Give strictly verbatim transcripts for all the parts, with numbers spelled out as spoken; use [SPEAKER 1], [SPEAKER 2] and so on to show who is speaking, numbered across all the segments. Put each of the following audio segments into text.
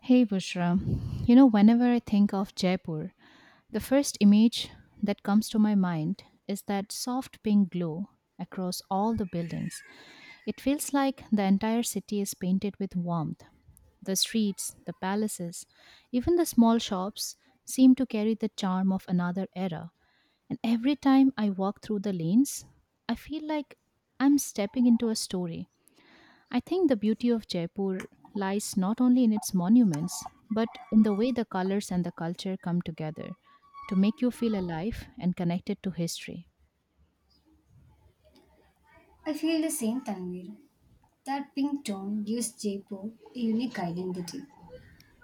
[SPEAKER 1] Hey Bushra, you know, whenever I think of Jaipur, the first image that comes to my mind is that soft pink glow across all the buildings. It feels like the entire city is painted with warmth. The streets, the palaces, even the small shops seem to carry the charm of another era. And every time I walk through the lanes, I feel like I'm stepping into a story. I think the beauty of Jaipur lies not only in its monuments, but in the way the colors and the culture come together to make you feel alive and connected to history.
[SPEAKER 2] I feel the same, Tanvir. That pink tone gives Jaipur a unique identity.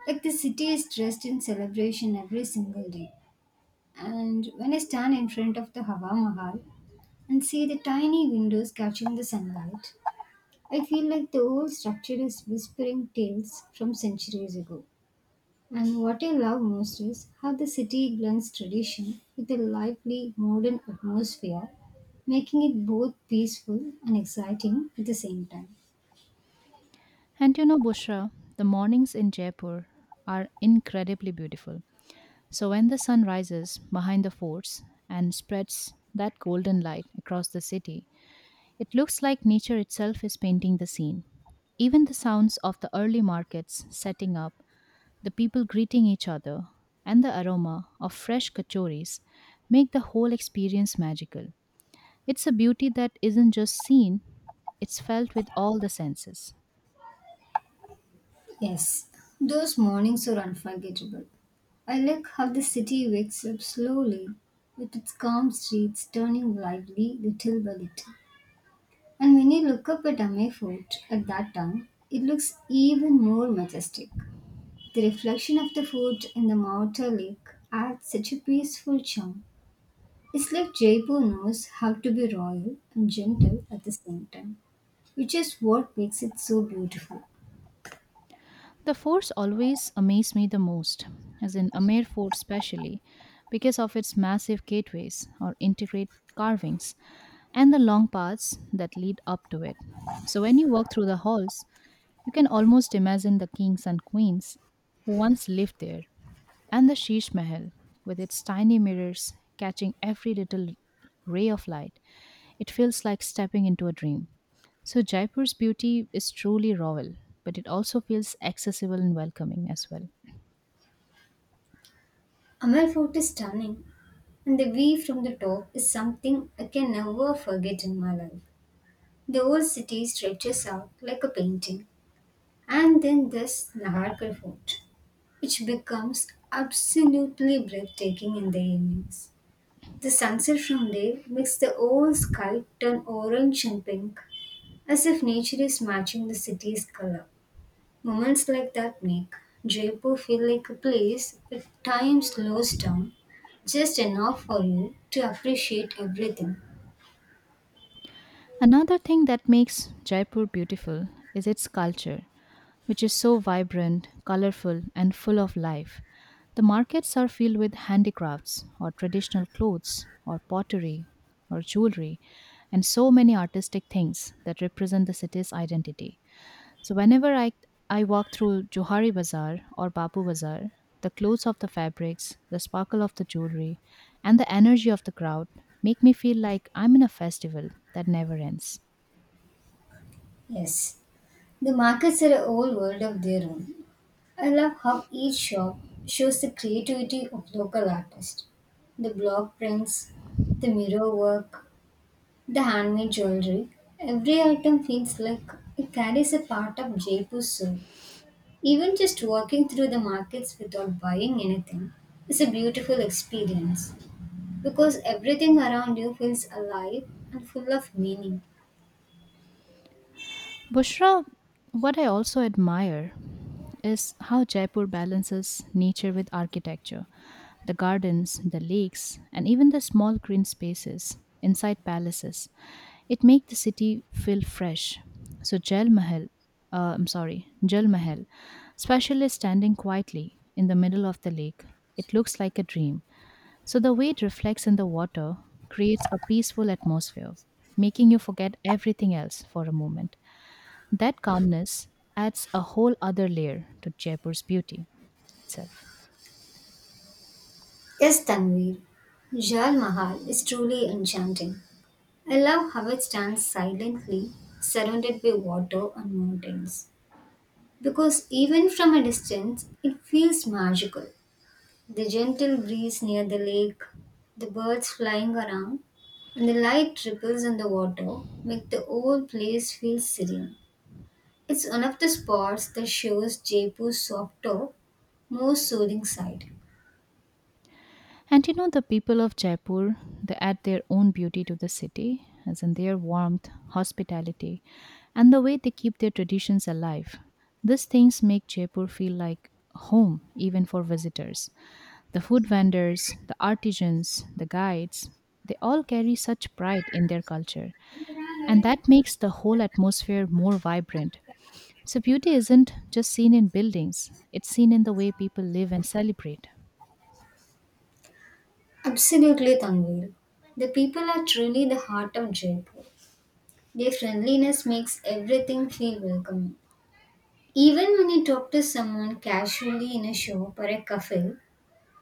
[SPEAKER 2] Like the city is dressed in celebration every single day. And when I stand in front of the Hawa Mahal and see the tiny windows catching the sunlight, I feel like the old structure is whispering tales from centuries ago. And what I love most is how the city blends tradition with a lively modern atmosphere, making it both peaceful and exciting at the same time.
[SPEAKER 1] And you know, Bushra, the mornings in Jaipur are incredibly beautiful. So when the sun rises behind the forts and spreads that golden light across the city, it looks like nature itself is painting the scene. Even the sounds of the early markets setting up, the people greeting each other, and the aroma of fresh kachoris make the whole experience magical. It's a beauty that isn't just seen, it's felt with all the senses.
[SPEAKER 2] Yes, those mornings are unforgettable. I like how the city wakes up slowly, with its calm streets turning lively little by little. And when you look up at Amay Fort at that time, it looks even more majestic. The reflection of the fort in the Mauta Lake adds such a peaceful charm. It's like Jaipur knows how to be royal and gentle at the same time, which is what makes it so beautiful.
[SPEAKER 1] The forts always amaze me the most, as in Amer Fort especially, because of its massive gateways or intricate carvings and the long paths that lead up to it. So when you walk through the halls, you can almost imagine the kings and queens who once lived there. And the Sheesh Mahal, with its tiny mirrors catching every little ray of light, it feels like stepping into a dream. So Jaipur's beauty is truly royal, but it also feels accessible and welcoming as well.
[SPEAKER 2] Amal Fort is stunning, and the view from the top is something I can never forget in my life. The whole city stretches out like a painting. And then there's Naharkar Fort, which becomes absolutely breathtaking in the evenings. The sunset from there makes the whole sky turn orange and pink, as if nature is matching the city's color. Moments like that make Jaipur feel like a place where time slows down just enough for you to appreciate everything.
[SPEAKER 1] Another thing that makes Jaipur beautiful is its culture, which is so vibrant, colorful, and full of life. The markets are filled with handicrafts, or traditional clothes, or pottery, or jewelry, and so many artistic things that represent the city's identity. So, whenever I, I walk through Johari Bazaar or Bapu Bazaar, the clothes of the fabrics, the sparkle of the jewelry, and the energy of the crowd make me feel like I'm in a festival that never ends.
[SPEAKER 2] Yes, the markets are a whole world of their own. I love how each shop shows the creativity of local artists. The block prints, the mirror work, the handmade jewelry. Every item feels like it carries a part of Jaipur's soul. Even just walking through the markets without buying anything is a beautiful experience because everything around you feels alive and full of meaning.
[SPEAKER 1] Bushra, what I also admire is how Jaipur balances nature with architecture, the gardens, the lakes, and even the small green spaces inside palaces. It makes the city feel fresh. So Jal Mahal, uh, I'm sorry, Jal Mahal, especially standing quietly in the middle of the lake, it looks like a dream. So the way it reflects in the water creates a peaceful atmosphere, making you forget everything else for a moment. That calmness adds a whole other layer to Jaipur's beauty itself.
[SPEAKER 2] Yes, Tanvir. Jal Mahal is truly enchanting. I love how it stands silently, surrounded by water and mountains. Because even from a distance, it feels magical. The gentle breeze near the lake, the birds flying around, and the light ripples on the water make the whole place feel serene. It's one of the spots that shows Jaipur's softer, more soothing side.
[SPEAKER 1] And you know, the people of Jaipur, they add their own beauty to the city, as in their warmth, hospitality, and the way they keep their traditions alive. These things make Jaipur feel like home, even for visitors. The food vendors, the artisans, the guides, they all carry such pride in their culture, and that makes the whole atmosphere more vibrant. So, beauty isn't just seen in buildings, it's seen in the way people live and celebrate.
[SPEAKER 2] Absolutely, Tanvir. The people are truly the heart of Jaipur. Their friendliness makes everything feel welcoming. Even when you talk to someone casually in a shop or a cafe,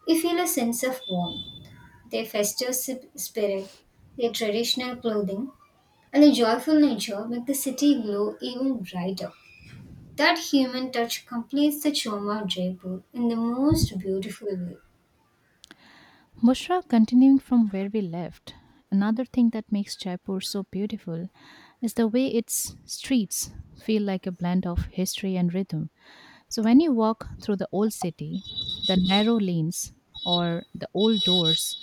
[SPEAKER 2] you feel a sense of warmth. Their festive si- spirit, their traditional clothing, and a joyful nature make the city glow even brighter. That human touch completes the charm of Jaipur in the most beautiful way.
[SPEAKER 1] Mushra, continuing from where we left, another thing that makes Jaipur so beautiful is the way its streets feel like a blend of history and rhythm. So, when you walk through the old city, the narrow lanes, or the old doors,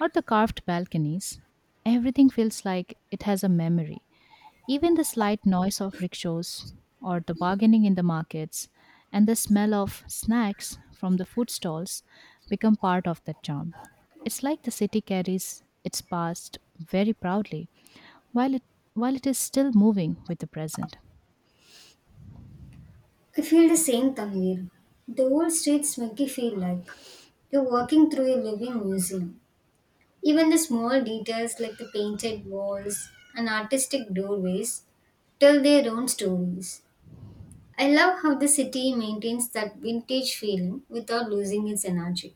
[SPEAKER 1] or the carved balconies, everything feels like it has a memory. Even the slight noise of rickshaws or the bargaining in the markets and the smell of snacks from the food stalls become part of that charm. It's like the city carries its past very proudly while it while it is still moving with the present.
[SPEAKER 2] I feel the same, Tanvir. The old streets make you feel like you're walking through a living museum. Even the small details like the painted walls and artistic doorways tell their own stories. I love how the city maintains that vintage feeling without losing its energy.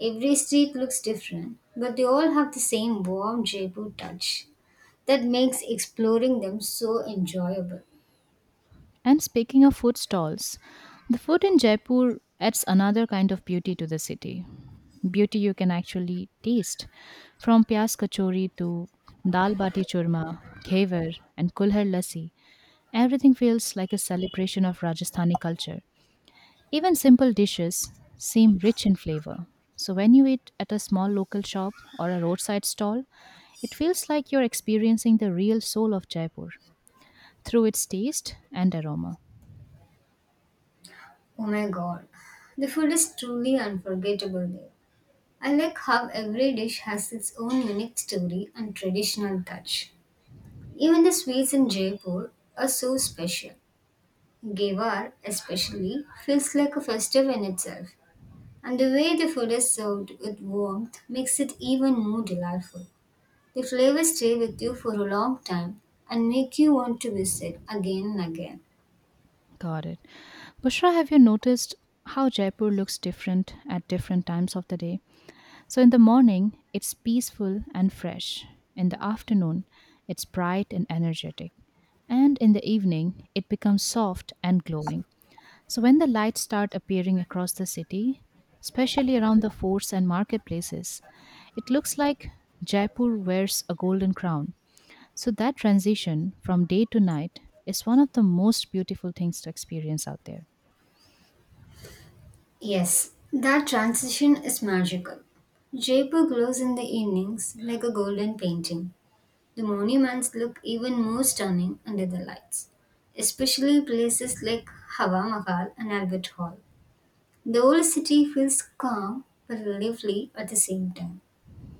[SPEAKER 2] Every street looks different, but they all have the same warm Jaipur touch that makes exploring them so enjoyable.
[SPEAKER 1] And speaking of food stalls, the food in Jaipur adds another kind of beauty to the city. Beauty you can actually taste, from pyas kachori to dal bati churma, khevar and kulhar lassi. Everything feels like a celebration of Rajasthani culture. Even simple dishes seem rich in flavor. So when you eat at a small local shop or a roadside stall, it feels like you're experiencing the real soul of Jaipur through its taste and aroma.
[SPEAKER 2] Oh my god, the food is truly unforgettable there. I like how every dish has its own unique story and traditional touch. Even the sweets in Jaipur are so special. Gewar, especially, feels like a festival in itself, and the way the food is served with warmth makes it even more delightful. The flavors stay with you for a long time and make you want to visit again and again.
[SPEAKER 1] Got it. Bushra, have you noticed how Jaipur looks different at different times of the day? So in the morning, it's peaceful and fresh. In the afternoon, it's bright and energetic. And in the evening, it becomes soft and glowing. So when the lights start appearing across the city, especially around the forts and marketplaces, it looks like Jaipur wears a golden crown. So that transition from day to night is one of the most beautiful things to experience out there.
[SPEAKER 2] Yes, that transition is magical. Jaipur glows in the evenings like a golden painting. The monuments look even more stunning under the lights, especially places like Hawa Mahal and Albert Hall. The old city feels calm but lively at the same time.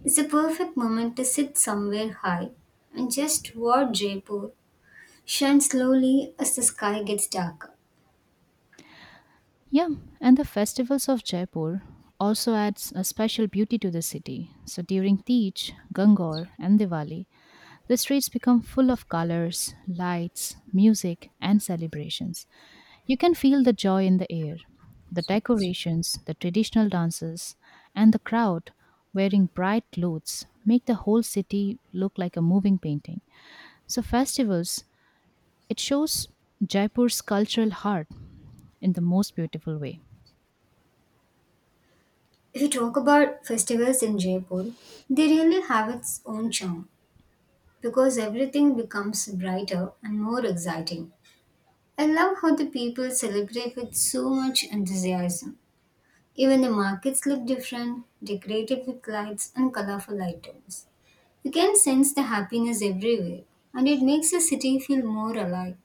[SPEAKER 2] It's a perfect moment to sit somewhere high and just watch Jaipur shine slowly as the sky gets darker.
[SPEAKER 1] Yeah, and the festivals of Jaipur also adds a special beauty to the city. So during Teej, Gangaur, and Diwali, the streets become full of colors, lights, music, and celebrations. You can feel the joy in the air. The decorations, the traditional dances, and the crowd wearing bright clothes make the whole city look like a moving painting. So festivals, it shows Jaipur's cultural heart in the most beautiful way.
[SPEAKER 2] If you talk about festivals in Jaipur, they really have its own charm because everything becomes brighter and more exciting. I love how the people celebrate with so much enthusiasm. Even the markets look different, decorated with lights and colorful items. You can sense the happiness everywhere, and it makes the city feel more alive.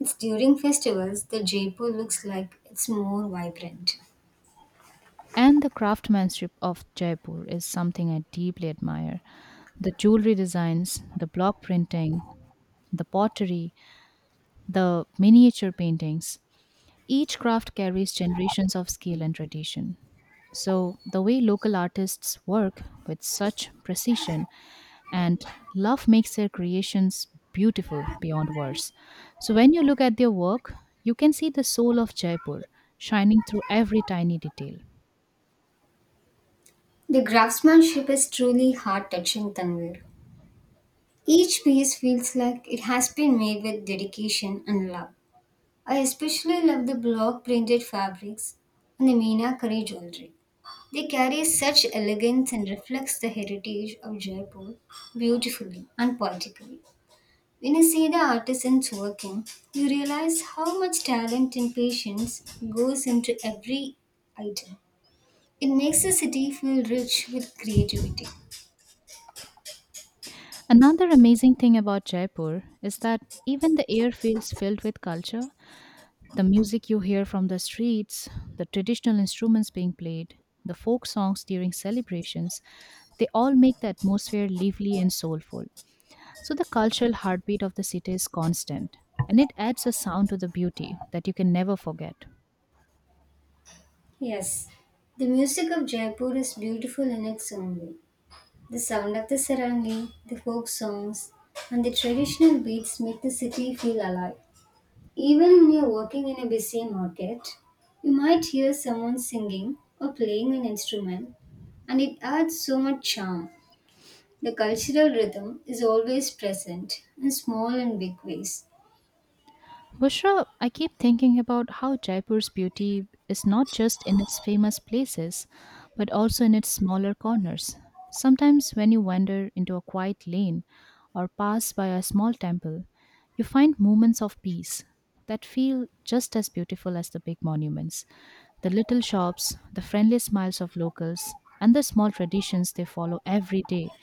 [SPEAKER 2] It's during festivals that Jaipur looks like it's more vibrant.
[SPEAKER 1] And the craftsmanship of Jaipur is something I deeply admire. The jewelry designs, the block printing, the pottery, the miniature paintings. Each craft carries generations of skill and tradition. So, the way local artists work with such precision and love makes their creations beautiful beyond words. So, when you look at their work, you can see the soul of Jaipur shining through every tiny detail.
[SPEAKER 2] The craftsmanship is truly heart touching, Tanvir. Each piece feels like it has been made with dedication and love. I especially love the block printed fabrics and the Meenakari jewelry. They carry such elegance and reflects the heritage of Jaipur beautifully and poetically. When you see the artisans working, you realize how much talent and patience goes into every item. It makes the city feel rich with creativity.
[SPEAKER 1] Another amazing thing about Jaipur is that even the air feels filled with culture. The music you hear from the streets, the traditional instruments being played, the folk songs during celebrations, they all make the atmosphere lively and soulful. So the cultural heartbeat of the city is constant and it adds a sound to the beauty that you can never forget.
[SPEAKER 2] Yes, the music of Jaipur is beautiful in its own way. The sound of the sarangi, the folk songs, and the traditional beats make the city feel alive. Even when you're working in a busy market, you might hear someone singing or playing an instrument, and it adds so much charm. The cultural rhythm is always present in small and big ways.
[SPEAKER 1] Bushra, I keep thinking about how Jaipur's beauty is not just in its famous places, but also in its smaller corners. Sometimes, when you wander into a quiet lane or pass by a small temple, you find moments of peace that feel just as beautiful as the big monuments. The little shops, the friendly smiles of locals, and the small traditions they follow every day.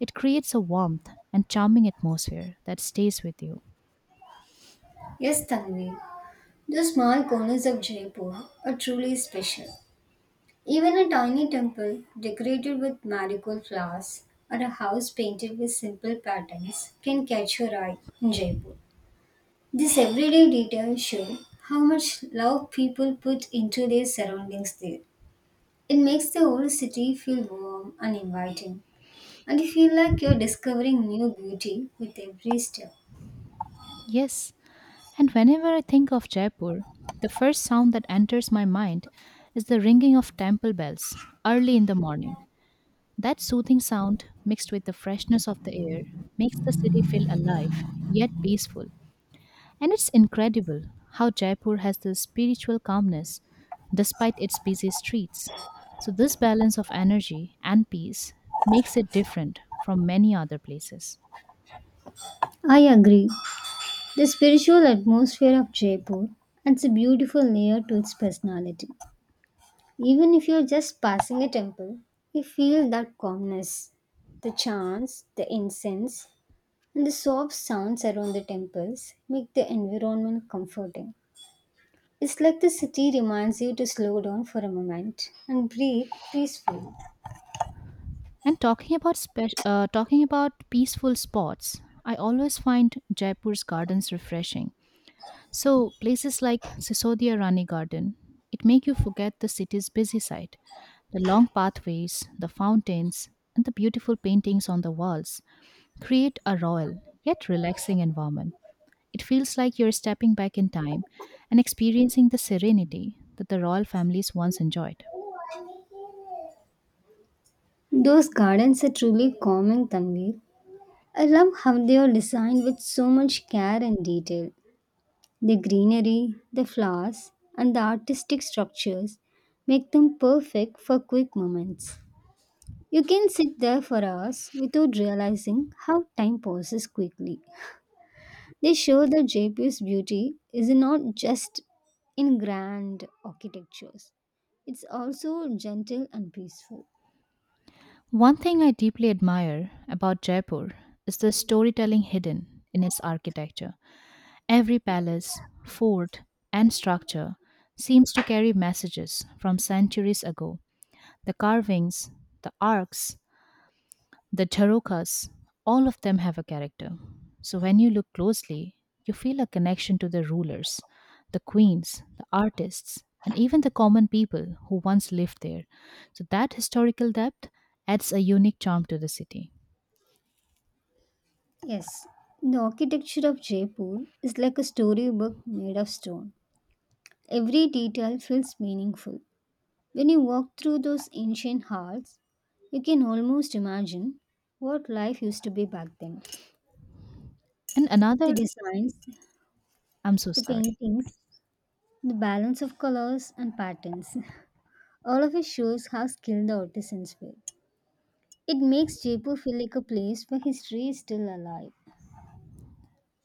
[SPEAKER 1] It creates a warmth and charming atmosphere that stays with you.
[SPEAKER 2] Yes, Tanvi, the small corners of Jaipur are truly special. Even a tiny temple decorated with marigold flowers or a house painted with simple patterns can catch your eye in Jaipur. These everyday details show how much love people put into their surroundings there. It makes the whole city feel warm and inviting, and you feel like you're discovering new beauty with every step.
[SPEAKER 1] Yes, and whenever I think of Jaipur, the first sound that enters my mind is the ringing of temple bells early in the morning. That soothing sound, mixed with the freshness of the air, makes the city feel alive yet peaceful. And it's incredible how Jaipur has this spiritual calmness despite its busy streets. So, this balance of energy and peace makes it different from many other places.
[SPEAKER 2] I agree. The spiritual atmosphere of Jaipur adds a beautiful layer to its personality. Even if you're just passing a temple, you feel that calmness. The chants, the incense, and the soft sounds around the temples make the environment comforting. It's like the city reminds you to slow down for a moment and breathe peacefully.
[SPEAKER 1] And talking about spe- uh, talking about peaceful spots, I always find Jaipur's gardens refreshing. So places like Sisodia Rani Garden, it make you forget the city's busy side. The long pathways, the fountains, and the beautiful paintings on the walls create a royal yet relaxing environment. It feels like you're stepping back in time and experiencing the serenity that the royal families once enjoyed.
[SPEAKER 2] Those gardens are truly calming, Tanvir. I love how they are designed with so much care and detail. The greenery, the flowers, and the artistic structures make them perfect for quick moments. You can sit there for hours without realizing how time passes quickly. They show that Jaipur's beauty is not just in grand architectures, it's also gentle and peaceful.
[SPEAKER 1] One thing I deeply admire about Jaipur is the storytelling hidden in its architecture. Every palace, fort, and structure seems to carry messages from centuries ago. The carvings, the arcs, the charukas, all of them have a character. So when you look closely, you feel a connection to the rulers, the queens, the artists, and even the common people who once lived there. So that historical depth adds a unique charm to the city.
[SPEAKER 2] Yes, the architecture of Jaipur is like a storybook made of stone. Every detail feels meaningful. When you walk through those ancient halls, you can almost imagine what life used to be back then.
[SPEAKER 1] And
[SPEAKER 2] The
[SPEAKER 1] another,
[SPEAKER 2] designs,
[SPEAKER 1] I'm so
[SPEAKER 2] the
[SPEAKER 1] sorry.
[SPEAKER 2] paintings, the balance of colors and patterns. All of it shows how skilled the artisans were. It makes Jaipur feel like a place where history is still alive.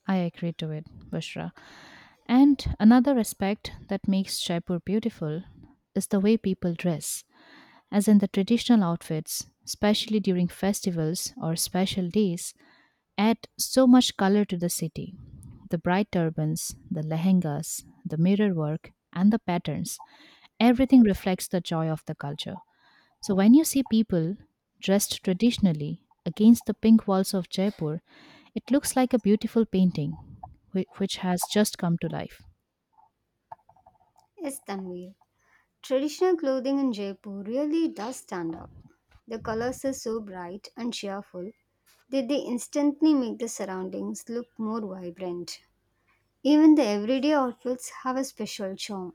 [SPEAKER 1] I agree to it, Bushra. And another aspect that makes Jaipur beautiful is the way people dress, as in the traditional outfits, especially during festivals or special days, add so much color to the city. The bright turbans, the lehengas, the mirror work, and the patterns, everything reflects the joy of the culture. So when you see people dressed traditionally against the pink walls of Jaipur, it looks like a beautiful painting whi- which has just come to life.
[SPEAKER 2] Yes, Tanvir. Traditional clothing in Jaipur really does stand out. The colors are so bright and cheerful that they instantly make the surroundings look more vibrant. Even the everyday outfits have a special charm.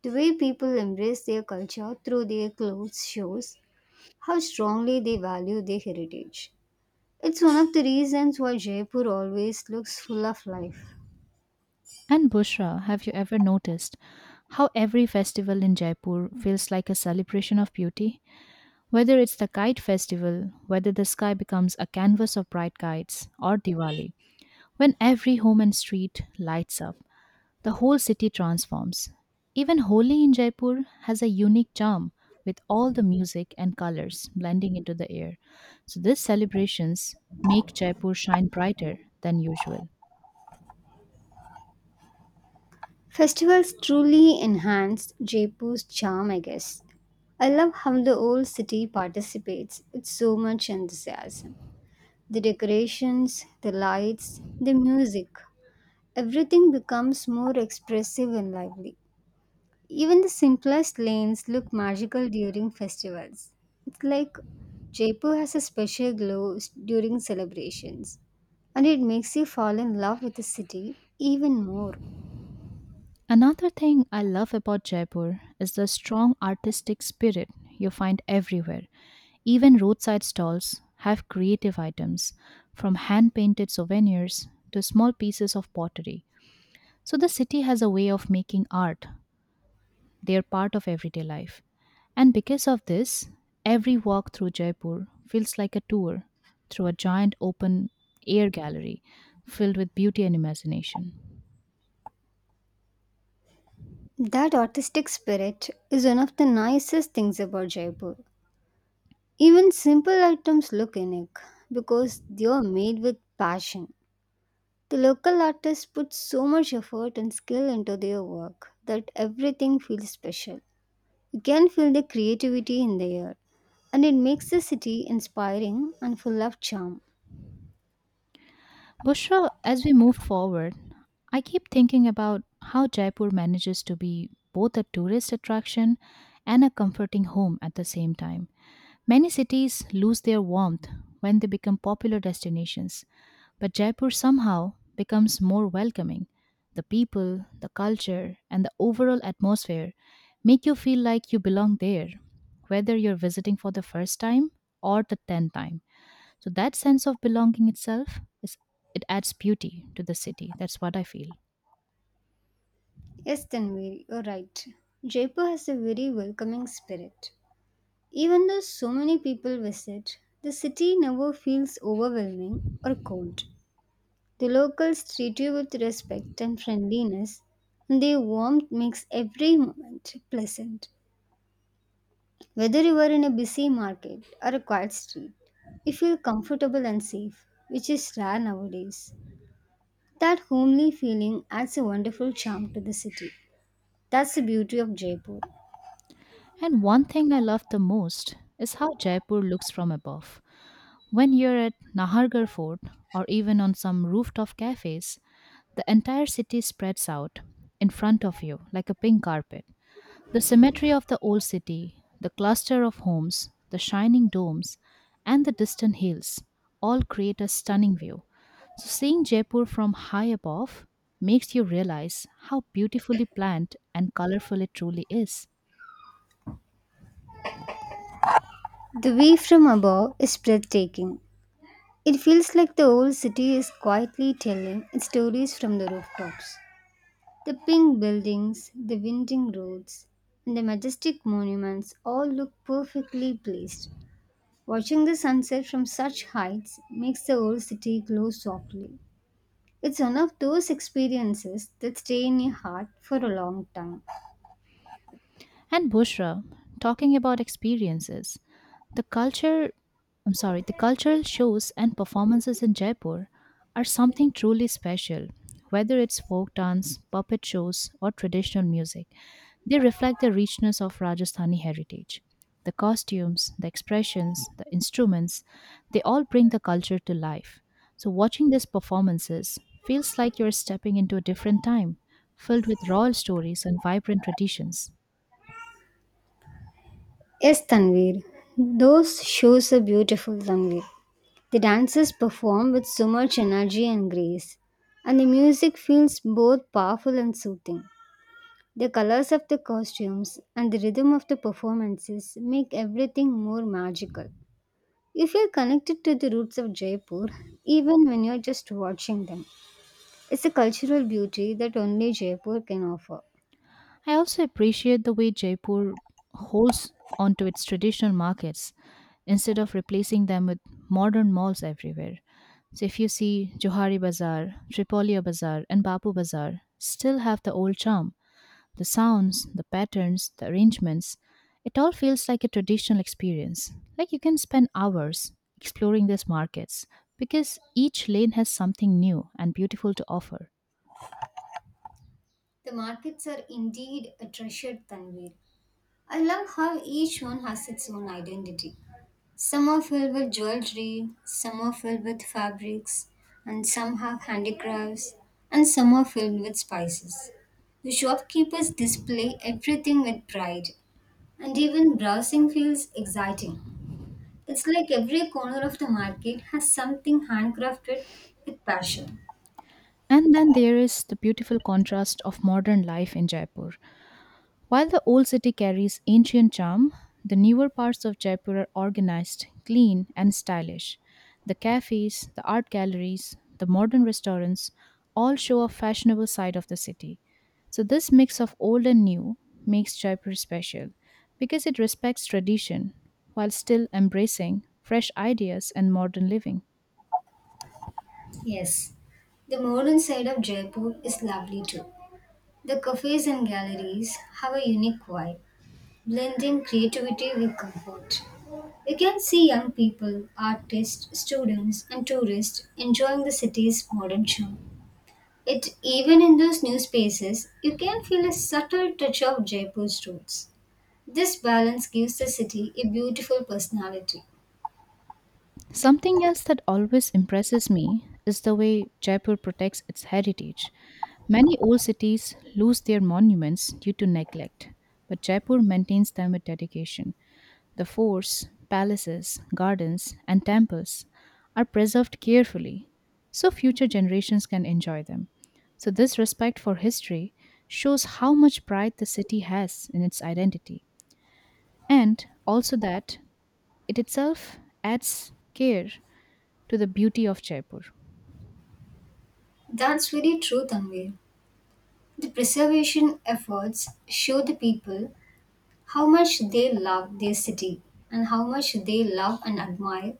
[SPEAKER 2] The way people embrace their culture through their clothes shows how strongly they value their heritage. It's one of the reasons why Jaipur always looks full of life.
[SPEAKER 1] And Bushra, have you ever noticed how every festival in Jaipur feels like a celebration of beauty? Whether it's the kite festival, whether the sky becomes a canvas of bright kites, or Diwali, when every home and street lights up. The whole city transforms. Even Holi in Jaipur has a unique charm with all the music and colors blending into the air. So these celebrations make Jaipur shine brighter than usual.
[SPEAKER 2] Festivals truly enhanced Jaipur's charm, I guess. I love how the old city participates with so much enthusiasm. The decorations, the lights, the music, everything becomes more expressive and lively. Even the simplest lanes look magical during festivals. It's like Jaipur has a special glow s- during celebrations, and it makes you fall in love with the city even more.
[SPEAKER 1] Another thing I love about Jaipur is the strong artistic spirit you find everywhere. Even roadside stalls have creative items, from hand painted souvenirs to small pieces of pottery. So the city has a way of making art. They are part of everyday life. And because of this, every walk through Jaipur feels like a tour through a giant open air gallery filled with beauty and imagination.
[SPEAKER 2] That artistic spirit is one of the nicest things about Jaipur. Even simple items look unique because they are made with passion. The local artists put so much effort and skill into their work that everything feels special. You can feel the creativity in the air, and it makes the city inspiring and full of charm.
[SPEAKER 1] Bushra, as we move forward, I keep thinking about how Jaipur manages to be both a tourist attraction and a comforting home at the same time. Many cities lose their warmth when they become popular destinations, but Jaipur somehow becomes more welcoming. The people, the culture, and the overall atmosphere make you feel like you belong there, whether you're visiting for the first time or the tenth time. So that sense of belonging itself is it adds beauty to the city. That's what I feel.
[SPEAKER 2] Yes, Tanvir, you're right. Jaipur has a very welcoming spirit. Even though so many people visit, the city never feels overwhelming or cold. The locals treat you with respect and friendliness, and their warmth makes every moment pleasant. Whether you are in a busy market or a quiet street, you feel comfortable and safe, which is rare nowadays. That homely feeling adds a wonderful charm to the city. That's the beauty of Jaipur.
[SPEAKER 1] And one thing I love the most is how Jaipur looks from above. When you're at Nahargarh Fort or even on some rooftop cafes, the entire city spreads out in front of you like a pink carpet. The symmetry of the old city, the cluster of homes, the shining domes, and the distant hills all create a stunning view. So, seeing Jaipur from high above makes you realize how beautifully planned and colorful it truly is.
[SPEAKER 2] The view from above is breathtaking. It feels like the whole city is quietly telling its stories from the rooftops. The pink buildings, the winding roads, and the majestic monuments all look perfectly placed. Watching the sunset from such heights makes the whole city glow softly. It's one of those experiences that stay in your heart for a long time.
[SPEAKER 1] And Bushra, talking about experiences, the culture, I'm sorry, the cultural shows and performances in Jaipur are something truly special, whether it's folk dance, puppet shows, or traditional music. They reflect the richness of Rajasthani heritage. The costumes, the expressions, the instruments, they all bring the culture to life. So, watching these performances feels like you're stepping into a different time, filled with royal stories and vibrant traditions.
[SPEAKER 2] Yes, Tanvir, those shows are beautiful, Tanvir. The dances perform with so much energy and grace, and the music feels both powerful and soothing. The colors of the costumes and the rhythm of the performances make everything more magical. You feel connected to the roots of Jaipur even when you're just watching them. It's a cultural beauty that only Jaipur can offer.
[SPEAKER 1] I also appreciate the way Jaipur holds onto its traditional markets instead of replacing them with modern malls everywhere. So if you see Johari Bazaar, Tripolia Bazaar, and Bapu Bazaar still have the old charm, the sounds, the patterns, the arrangements. It all feels like a traditional experience. Like you can spend hours exploring these markets because each lane has something new and beautiful to offer.
[SPEAKER 2] The markets are indeed a treasured Tanvir. I love how each one has its own identity. Some are filled with jewelry, some are filled with fabrics, and some have handicrafts, and some are filled with spices. The shopkeepers display everything with pride, and even browsing feels exciting. It's like every corner of the market has something handcrafted with passion.
[SPEAKER 1] And then there is the beautiful contrast of modern life in Jaipur. While the old city carries ancient charm, the newer parts of Jaipur are organized, clean, and stylish. The cafes, the art galleries, the modern restaurants all show a fashionable side of the city. So, this mix of old and new makes Jaipur special because it respects tradition while still embracing fresh ideas and modern living.
[SPEAKER 2] Yes, the modern side of Jaipur is lovely too. The cafes and galleries have a unique vibe, blending creativity with comfort. You can see young people, artists, students, and tourists enjoying the city's modern charm. It even in those new spaces, you can feel a subtle touch of Jaipur's roots. This balance gives the city a beautiful personality.
[SPEAKER 1] Something else that always impresses me is the way Jaipur protects its heritage. Many old cities lose their monuments due to neglect, but Jaipur maintains them with dedication. The forts, palaces, gardens, and temples are preserved carefully so future generations can enjoy them. So, this respect for history shows how much pride the city has in its identity, and also that it itself adds care to the beauty of Jaipur.
[SPEAKER 2] That's very true, Tanvir. The preservation efforts show the people how much they love their city and how much they love and admire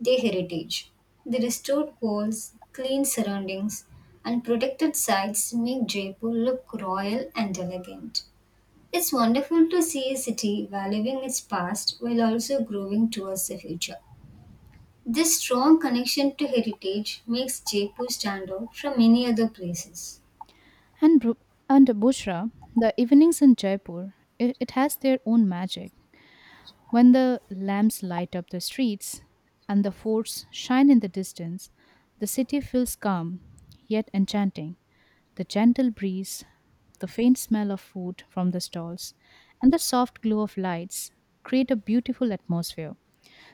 [SPEAKER 2] their heritage. The restored walls, clean surroundings, and protected sites make Jaipur look royal and elegant. It's wonderful to see a city valuing its past while also growing towards the future. This strong connection to heritage makes Jaipur stand out from many other places.
[SPEAKER 1] And, Bru- and Bushra, the evenings in Jaipur, it, it has their own magic. When the lamps light up the streets and the forts shine in the distance, the city feels calm yet enchanting. The gentle breeze, the faint smell of food from the stalls, and the soft glow of lights create a beautiful atmosphere.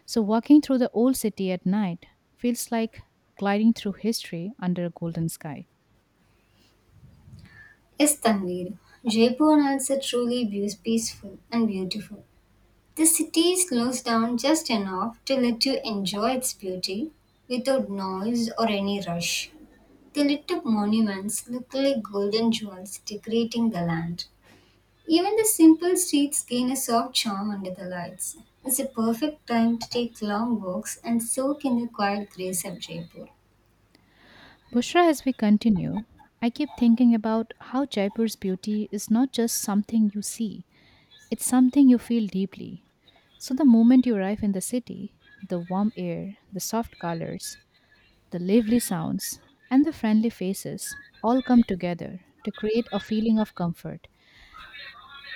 [SPEAKER 1] So, walking through the old city at night feels like gliding through history under a golden sky.
[SPEAKER 2] Yes, Tanvir, Jaipur nights are truly beau- peaceful and beautiful. The city slows down just enough to let you enjoy its beauty without noise or any rush. The lit up monuments look like golden jewels decorating the land. Even the simple streets gain a soft charm under the lights. It's a perfect time to take long walks and soak in the quiet grace of Jaipur.
[SPEAKER 1] Bushra, as we continue, I keep thinking about how Jaipur's beauty is not just something you see, it's something you feel deeply. So, the moment you arrive in the city, the warm air, the soft colors, the lively sounds, and the friendly faces all come together to create a feeling of comfort.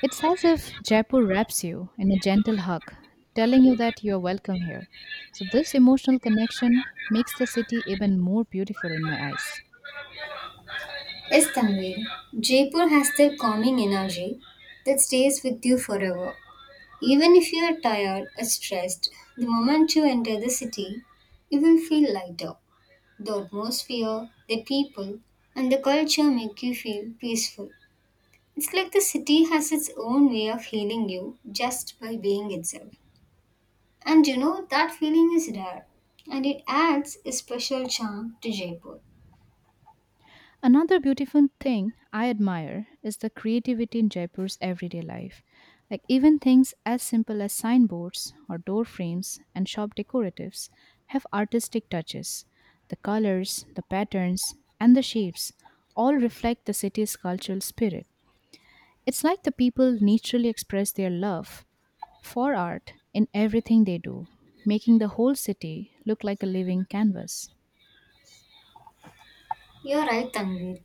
[SPEAKER 1] It's as if Jaipur wraps you in a gentle hug, telling you that you are welcome here. So, this emotional connection makes the city even more beautiful in my eyes.
[SPEAKER 2] Yes, Tanvir, Jaipur has that calming energy that stays with you forever. Even if you are tired or stressed, the moment you enter the city, you will feel lighter. The atmosphere, the people, and the culture make you feel peaceful. It's like the city has its own way of healing you just by being itself. And you know, that feeling is rare, and it adds a special charm to Jaipur.
[SPEAKER 1] Another beautiful thing I admire is the creativity in Jaipur's everyday life. Like even things as simple as signboards or door frames and shop decoratives have artistic touches. The colors, the patterns, and the shapes all reflect the city's cultural spirit. It's like the people naturally express their love for art in everything they do, making the whole city look like a living canvas.
[SPEAKER 2] You're right, Tanvir.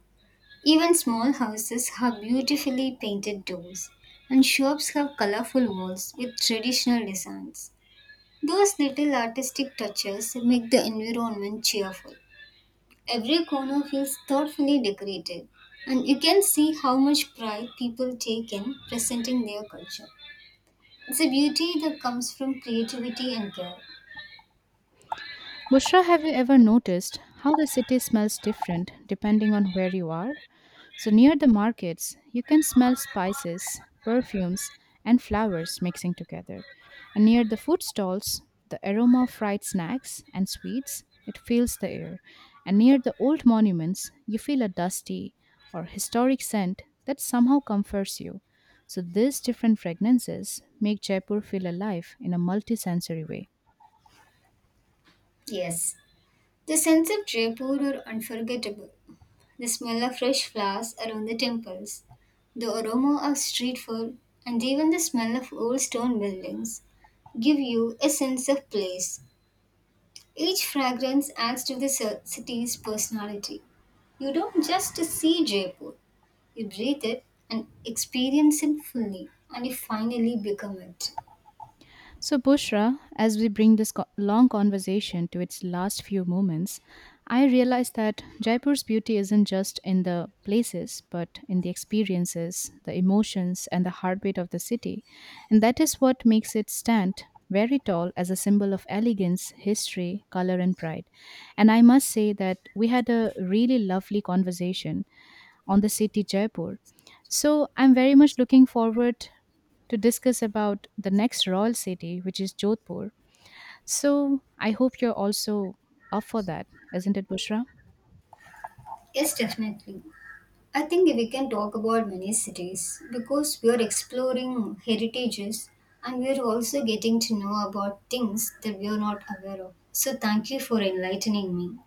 [SPEAKER 2] Even small houses have beautifully painted doors, and shops have colorful walls with traditional designs. Those little artistic touches make the environment cheerful. Every corner feels thoughtfully decorated, and you can see how much pride people take in presenting their culture. It's a beauty that comes from creativity and care.
[SPEAKER 1] Bushra, have you ever noticed how the city smells different depending on where you are? So, near the markets, you can smell spices, perfumes, and flowers mixing together. And near the food stalls, the aroma of fried snacks and sweets, it fills the air. And near the old monuments, you feel a dusty or historic scent that somehow comforts you. So, these different fragrances make Jaipur feel alive in a multisensory way.
[SPEAKER 2] Yes, the sense of Jaipur are unforgettable. The smell of fresh flowers around the temples, the aroma of street food, and even the smell of old stone buildings give you a sense of place. Each fragrance adds to the ci- city's personality. You don't just see Jaipur, you breathe it and experience it fully, and you finally become it.
[SPEAKER 1] So, Bushra, as we bring this co- long conversation to its last few moments, I realize that Jaipur's beauty isn't just in the places, but in the experiences, the emotions, and the heartbeat of the city. And that is what makes it stand very tall as a symbol of elegance, history, color, and pride. And I must say that we had a really lovely conversation on the city Jaipur. So I'm very much looking forward to discuss about the next royal city, which is Jodhpur. So I hope you're also up for that, isn't it, Bushra?
[SPEAKER 2] Yes, definitely. I think we can talk about many cities because we are exploring heritages and we are also getting to know about things that we are not aware of. So, thank you for enlightening me.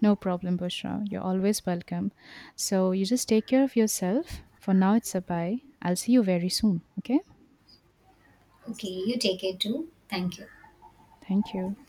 [SPEAKER 1] No problem, Bushra. You're always welcome. So you just take care of yourself. For now, it's a bye. I'll see you very soon. Okay?
[SPEAKER 2] Okay, you take it too. Thank you.
[SPEAKER 1] Thank you.